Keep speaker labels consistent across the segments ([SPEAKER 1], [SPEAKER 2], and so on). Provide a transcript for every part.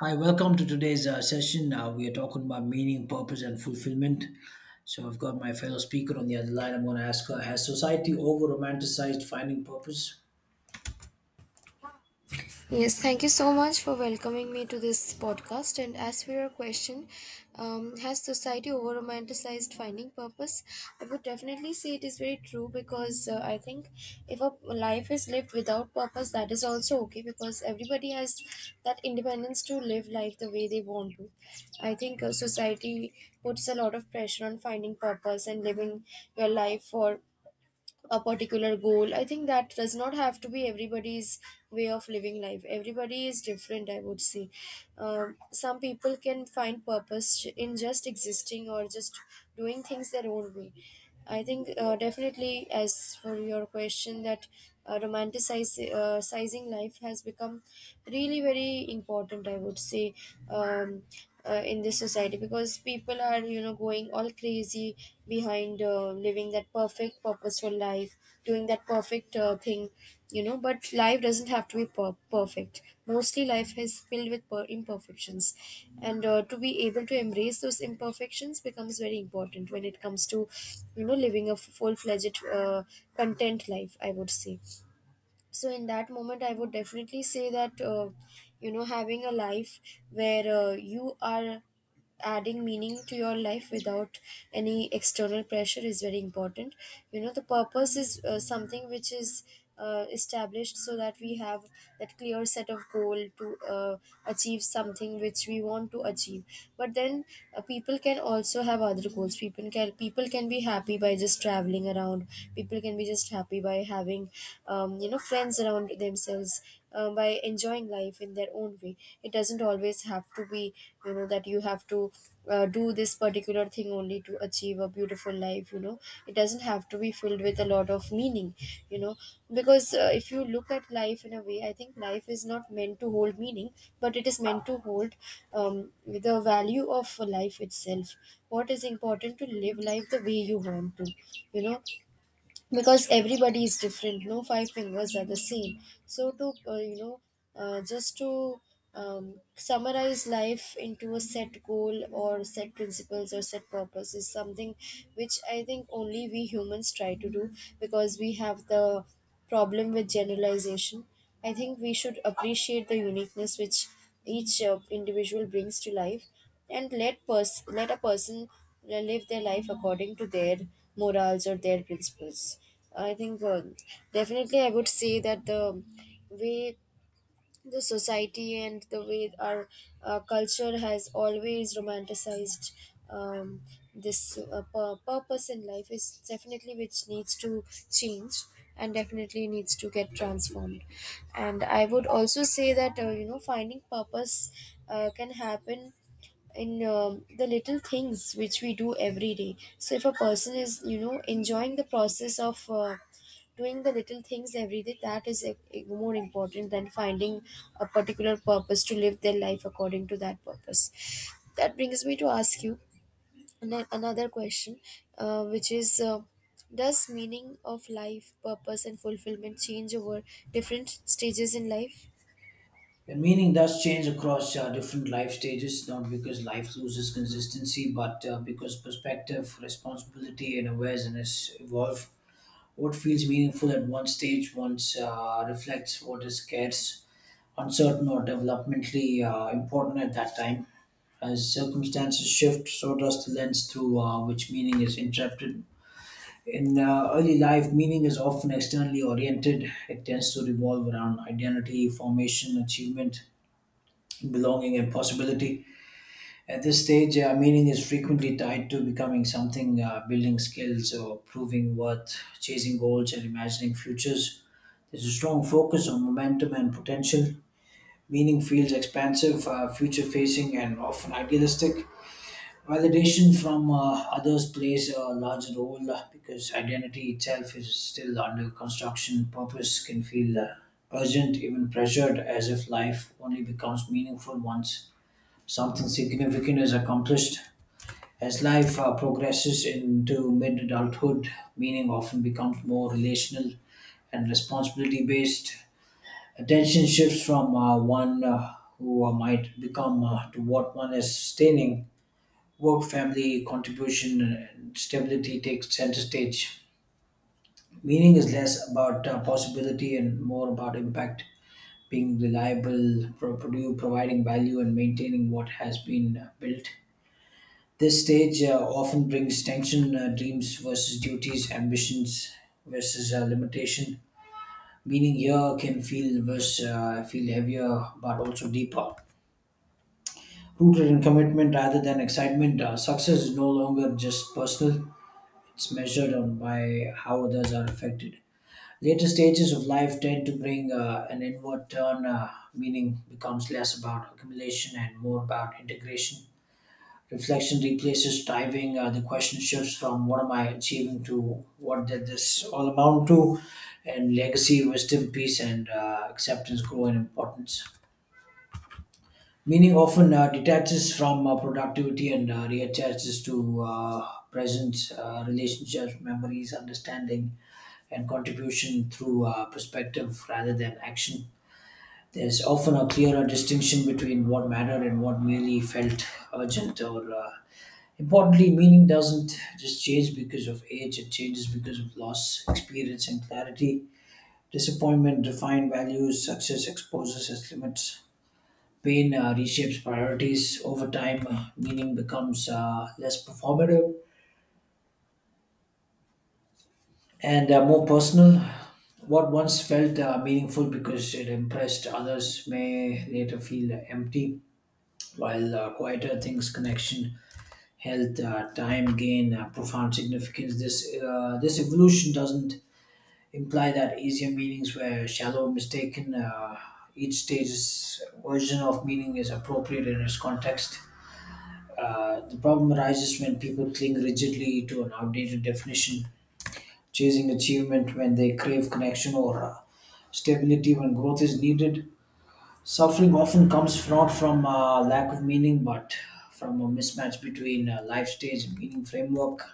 [SPEAKER 1] Hi, welcome to today's session. We are talking about meaning, purpose, and fulfillment. So, I've got my fellow speaker on the other line. I'm going to ask her, has society over romanticized finding purpose?
[SPEAKER 2] Yes, thank you so much for welcoming me to this podcast. And as for your question, has society over romanticized finding purpose? I would definitely say it is very true because I think if a life is lived without purpose, that is also okay because everybody has that independence to live life the way they want to. I think society puts a lot of pressure on finding purpose and living your life for a particular goal. I think that does not have to be everybody's way of living life. Everybody is different, I would say. Some people can find purpose in just existing or just doing things their own way. I think definitely, as for your question, that romanticizing sizing life has become really very important. I would say um, in this society because people are going all crazy behind living that perfect purposeful life, doing that perfect thing, but life doesn't have to be perfect. Mostly life is filled with imperfections, and to be able to embrace those imperfections becomes very important when it comes to, you know, living a full-fledged content life, I would say. So in that moment I would definitely say that, you know, having a life where, you are adding meaning to your life without any external pressure is very important, you know. The purpose is something which is established so that we have that clear set of goal to achieve something which we want to achieve. But then people can also have other goals. People can, people can be happy by just traveling around. People can be just happy by having, you know, friends around themselves, by enjoying life in their own way. It doesn't always have to be, you know, that you have to do this particular thing only to achieve a beautiful life, you know. It doesn't have to be filled with a lot of meaning, you know, because if you look at life in a way, I think life is not meant to hold meaning, but it is meant to hold, the value of life itself. What is important to live life the way you want to, you know, because everybody is different. No five fingers are the same. So to, you know, just to, summarize life into a set goal or set principles or set purpose is something which I think only we humans try to do because we have the problem with generalization. I think we should appreciate the uniqueness which each individual brings to life, and let a person live their life according to their morals or their principles. I think definitely I would say that the way the society and the way our culture has always romanticized, um, this purpose in life is definitely which needs to change and definitely needs to get transformed. And I would also say that, you know, finding purpose can happen in, the little things which we do every day. So if a person is, you know, enjoying the process of doing the little things every day, that is more important than finding a particular purpose to live their life according to that purpose. That brings me to ask you another question, which is does meaning of life, purpose, and fulfillment change over different stages in life?
[SPEAKER 1] The meaning does change across different life stages, not because life loses consistency, but because perspective, responsibility, and awareness evolve. What feels meaningful at one stage once reflects what is scarce, uncertain, or developmentally important at that time. As circumstances shift, so does the lens through which meaning is interpreted. In early life, meaning is often externally oriented. It tends to revolve around identity, formation, achievement, belonging, and possibility. At this stage, meaning is frequently tied to becoming something, building skills, or proving worth, chasing goals, and imagining futures. There's a strong focus on momentum and potential. Meaning feels expansive, future facing, and often idealistic. Validation from others plays a larger role because identity itself is still under construction. Purpose can feel urgent, even pressured, as if life only becomes meaningful once something significant is accomplished. As life progresses into mid adulthood, meaning often becomes more relational and responsibility based. Attention shifts from one who might become to what one is sustaining. Work, family, contribution, and stability takes center stage. Meaning is less about possibility and more about impact, being reliable, providing value, and maintaining what has been built. This stage often brings tension, dreams versus duties, ambitions versus limitation. Meaning here can feel heavier, but also deeper. Rooted in commitment rather than excitement, success is no longer just personal, it's measured on by how others are affected. Later stages of life tend to bring an inward turn, meaning becomes less about accumulation and more about integration. Reflection replaces striving. The question shifts from what am I achieving to what did this all amount to, and legacy, wisdom, peace, and acceptance grow in importance. Meaning often detaches from productivity and reattaches to presence, relationships, memories, understanding, and contribution through perspective rather than action. There's often a clearer distinction between what mattered and what merely felt urgent or importantly. Meaning doesn't just change because of age, it changes because of loss, experience, and clarity. Disappointment define values, success exposes its limits. Pain reshapes priorities over time, meaning becomes less performative and more personal. What once felt meaningful because it impressed others may later feel empty, while quieter things, connection, health, time gain profound significance. This evolution doesn't imply that easier meanings were shallow, or mistaken. Each stage's version of meaning is appropriate in its context. The problem arises when people cling rigidly to an outdated definition, chasing achievement when they crave connection or stability when growth is needed. Suffering often comes not from lack of meaning but from a mismatch between life stage and meaning framework.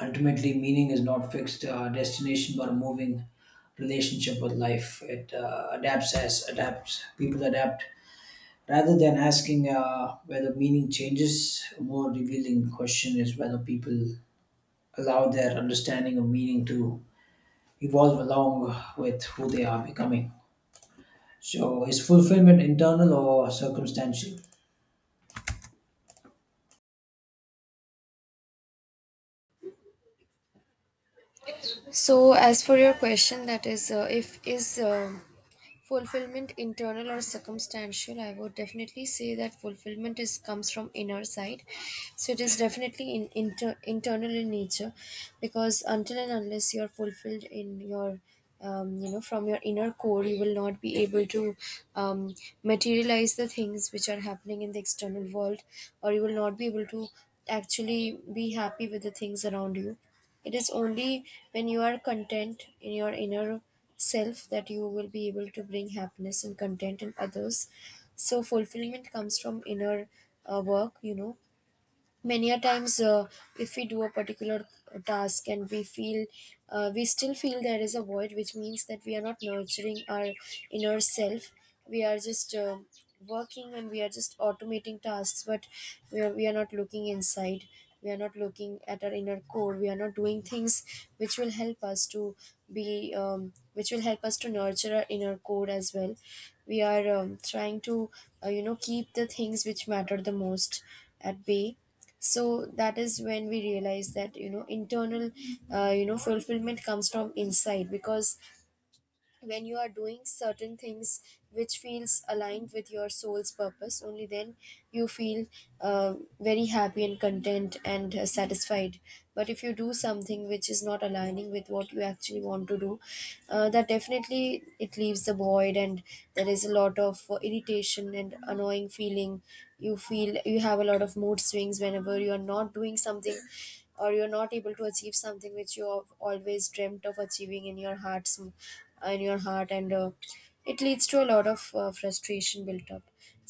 [SPEAKER 1] Ultimately, meaning is not fixed destination but a moving relationship with life. It adapts as adapts. People adapt. Rather than asking whether meaning changes, a more revealing question is whether people allow their understanding of meaning to evolve along with who they are becoming. So, is fulfillment internal or circumstantial?
[SPEAKER 2] So, as for your question, that is, if is fulfillment internal or circumstantial, I would definitely say that fulfillment is comes from inner side. So it is definitely internal in nature, because until and unless you are fulfilled in your, you know, from your inner core, you will not be able to, um, materialize the things which are happening in the external world, or you will not be able to actually be happy with the things around you. It is only when you are content in your inner self that you will be able to bring happiness and content in others. So, fulfillment comes from inner work, you know. Many a times if we do a particular task and we feel, we still feel there is a void, which means that we are not nurturing our inner self. We are just working and we are just automating tasks, but we are not looking inside. We are not looking at our inner core. We are not doing things which will help us to be, which will help us to nurture our inner core as well. We are, trying to you know, keep the things which matter the most at bay. So that is when we realize that, you know, internal you know, fulfillment comes from inside, because when you are doing certain things which feels aligned with your soul's purpose, only then you feel uh, very happy and content and satisfied. But if you do something which is not aligning with what you actually want to do, that definitely it leaves the void, and there is a lot of irritation and annoying feeling. You feel you have a lot of mood swings whenever you are not doing something or you're not able to achieve something which you have always dreamt of achieving in your heart's in your heart. And it leads to a lot of frustration built up.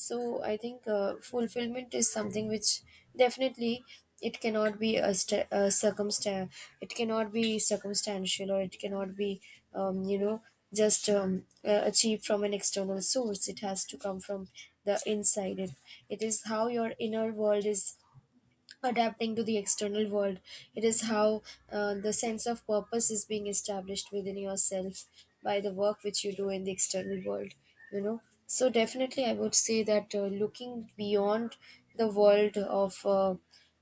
[SPEAKER 2] So I think fulfillment is something which definitely it cannot be a circumstance. It cannot be circumstantial, or it cannot be, you know, just achieved from an external source. It has to come from the inside. It is how your inner world is adapting to the external world. It is how the sense of purpose is being established within yourself by the work which you do in the external world, you know. So, definitely, I would say that looking beyond the world of,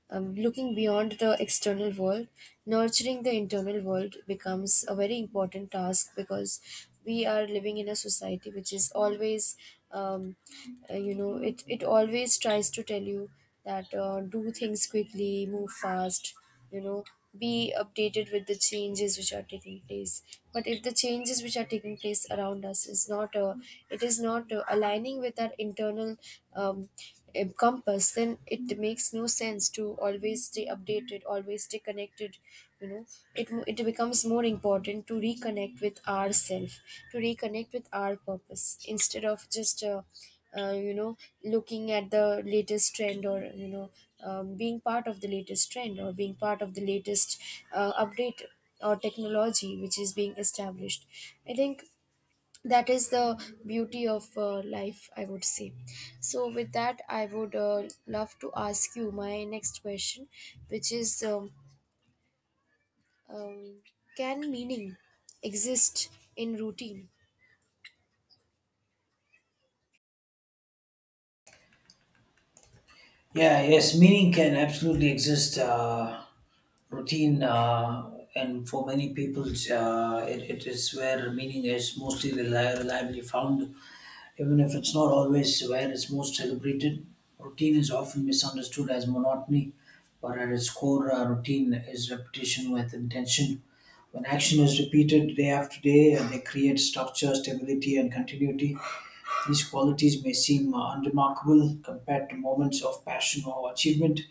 [SPEAKER 2] looking beyond the external world, nurturing the internal world becomes a very important task, because we are living in a society which is always, um, you know, it always tries to tell you that, do things quickly, move fast, you know, be updated with the changes which are taking place. But if the changes which are taking place around us is not, it is not aligning with our internal, um, encompass, then it makes no sense to always stay updated, always stay connected, you know. It becomes more important to reconnect with ourself, to reconnect with our purpose, instead of just you know, looking at the latest trend, or, you know, being part of the latest trend or being part of the latest update or technology which is being established. I think that is the beauty of life, I would say. So with that I would love to ask you my next question, which is, um, can meaning exist in routine?
[SPEAKER 1] Yeah, yes, meaning can absolutely exist. Routine and for many people it is where meaning is mostly reliably found. Even if it's not always where it's most celebrated, routine is often misunderstood as monotony, but at its core, routine is repetition with intention. When action is repeated day after day, they create structure, stability, and continuity. These qualities may seem unremarkable compared to moments of passion or achievement,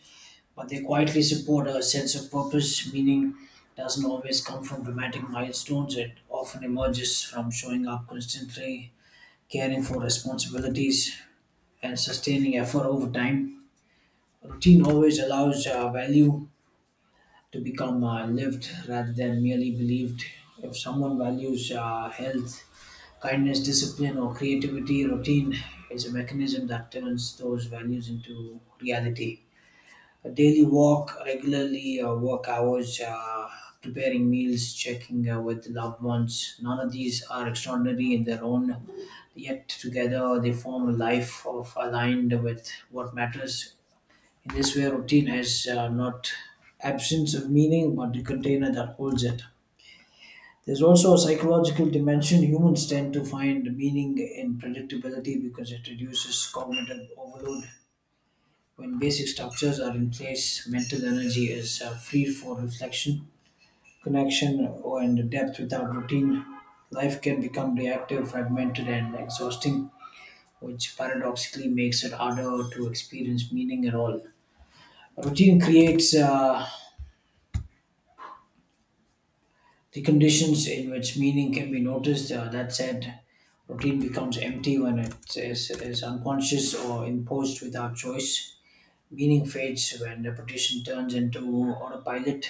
[SPEAKER 1] but they quietly support a sense of purpose. Meaning doesn't always come from dramatic milestones. It often emerges from showing up constantly, caring for responsibilities, and sustaining effort over time. Routine always allows value to become lived rather than merely believed. If someone values health, kindness, discipline, or creativity, routine is a mechanism that turns those values into reality. A daily walk, regularly work hours, preparing meals, checking with loved ones, none of these are extraordinary in their own, yet together they form a life of aligned with what matters. In this way, routine has not absence of meaning, but the container that holds it. There's also a psychological dimension. Humans tend to find meaning in predictability because it reduces cognitive overload. When basic structures are in place, mental energy is free for reflection, connection, or and depth without routine. Life can become reactive, fragmented, and exhausting, which paradoxically makes it harder to experience meaning at all. Routine creates the conditions in which meaning can be noticed. That said, routine becomes empty when is unconscious or imposed without choice. Meaning fades when repetition turns into autopilot,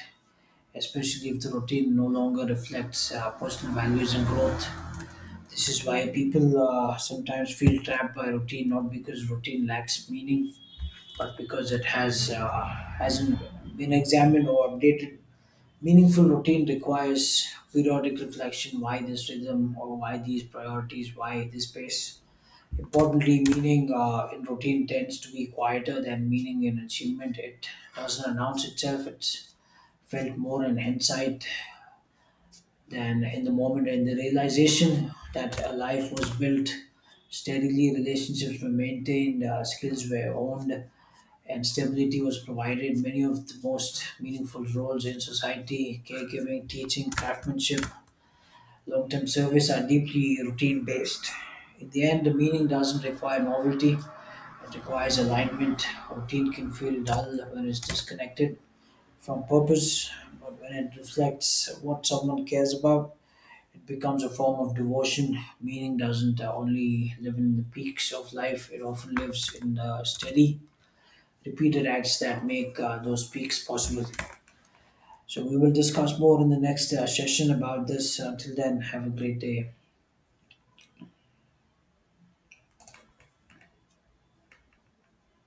[SPEAKER 1] especially if the routine no longer reflects personal values and growth. This is why people sometimes feel trapped by routine, not because routine lacks meaning, but because it hasn't been examined or updated. Meaningful routine requires periodic reflection, why this rhythm or why these priorities, why this pace. Importantly, meaning in routine tends to be quieter than meaning in achievement. It doesn't announce itself, it's felt more in hindsight than in the moment and the realization that a life was built steadily, relationships were maintained, skills were owned, and stability was provided. Many of the most meaningful roles in society, caregiving, teaching, craftsmanship, long term service, are deeply routine based. In the end, the meaning doesn't require novelty, it requires alignment. Routine can feel dull when it's disconnected from purpose, but when it reflects what someone cares about, it becomes a form of devotion. Meaning doesn't only live in the peaks of life, it often lives in the steady repeated acts that make those peaks possible. So, we will discuss more in the next session about this. Until then, have a great day.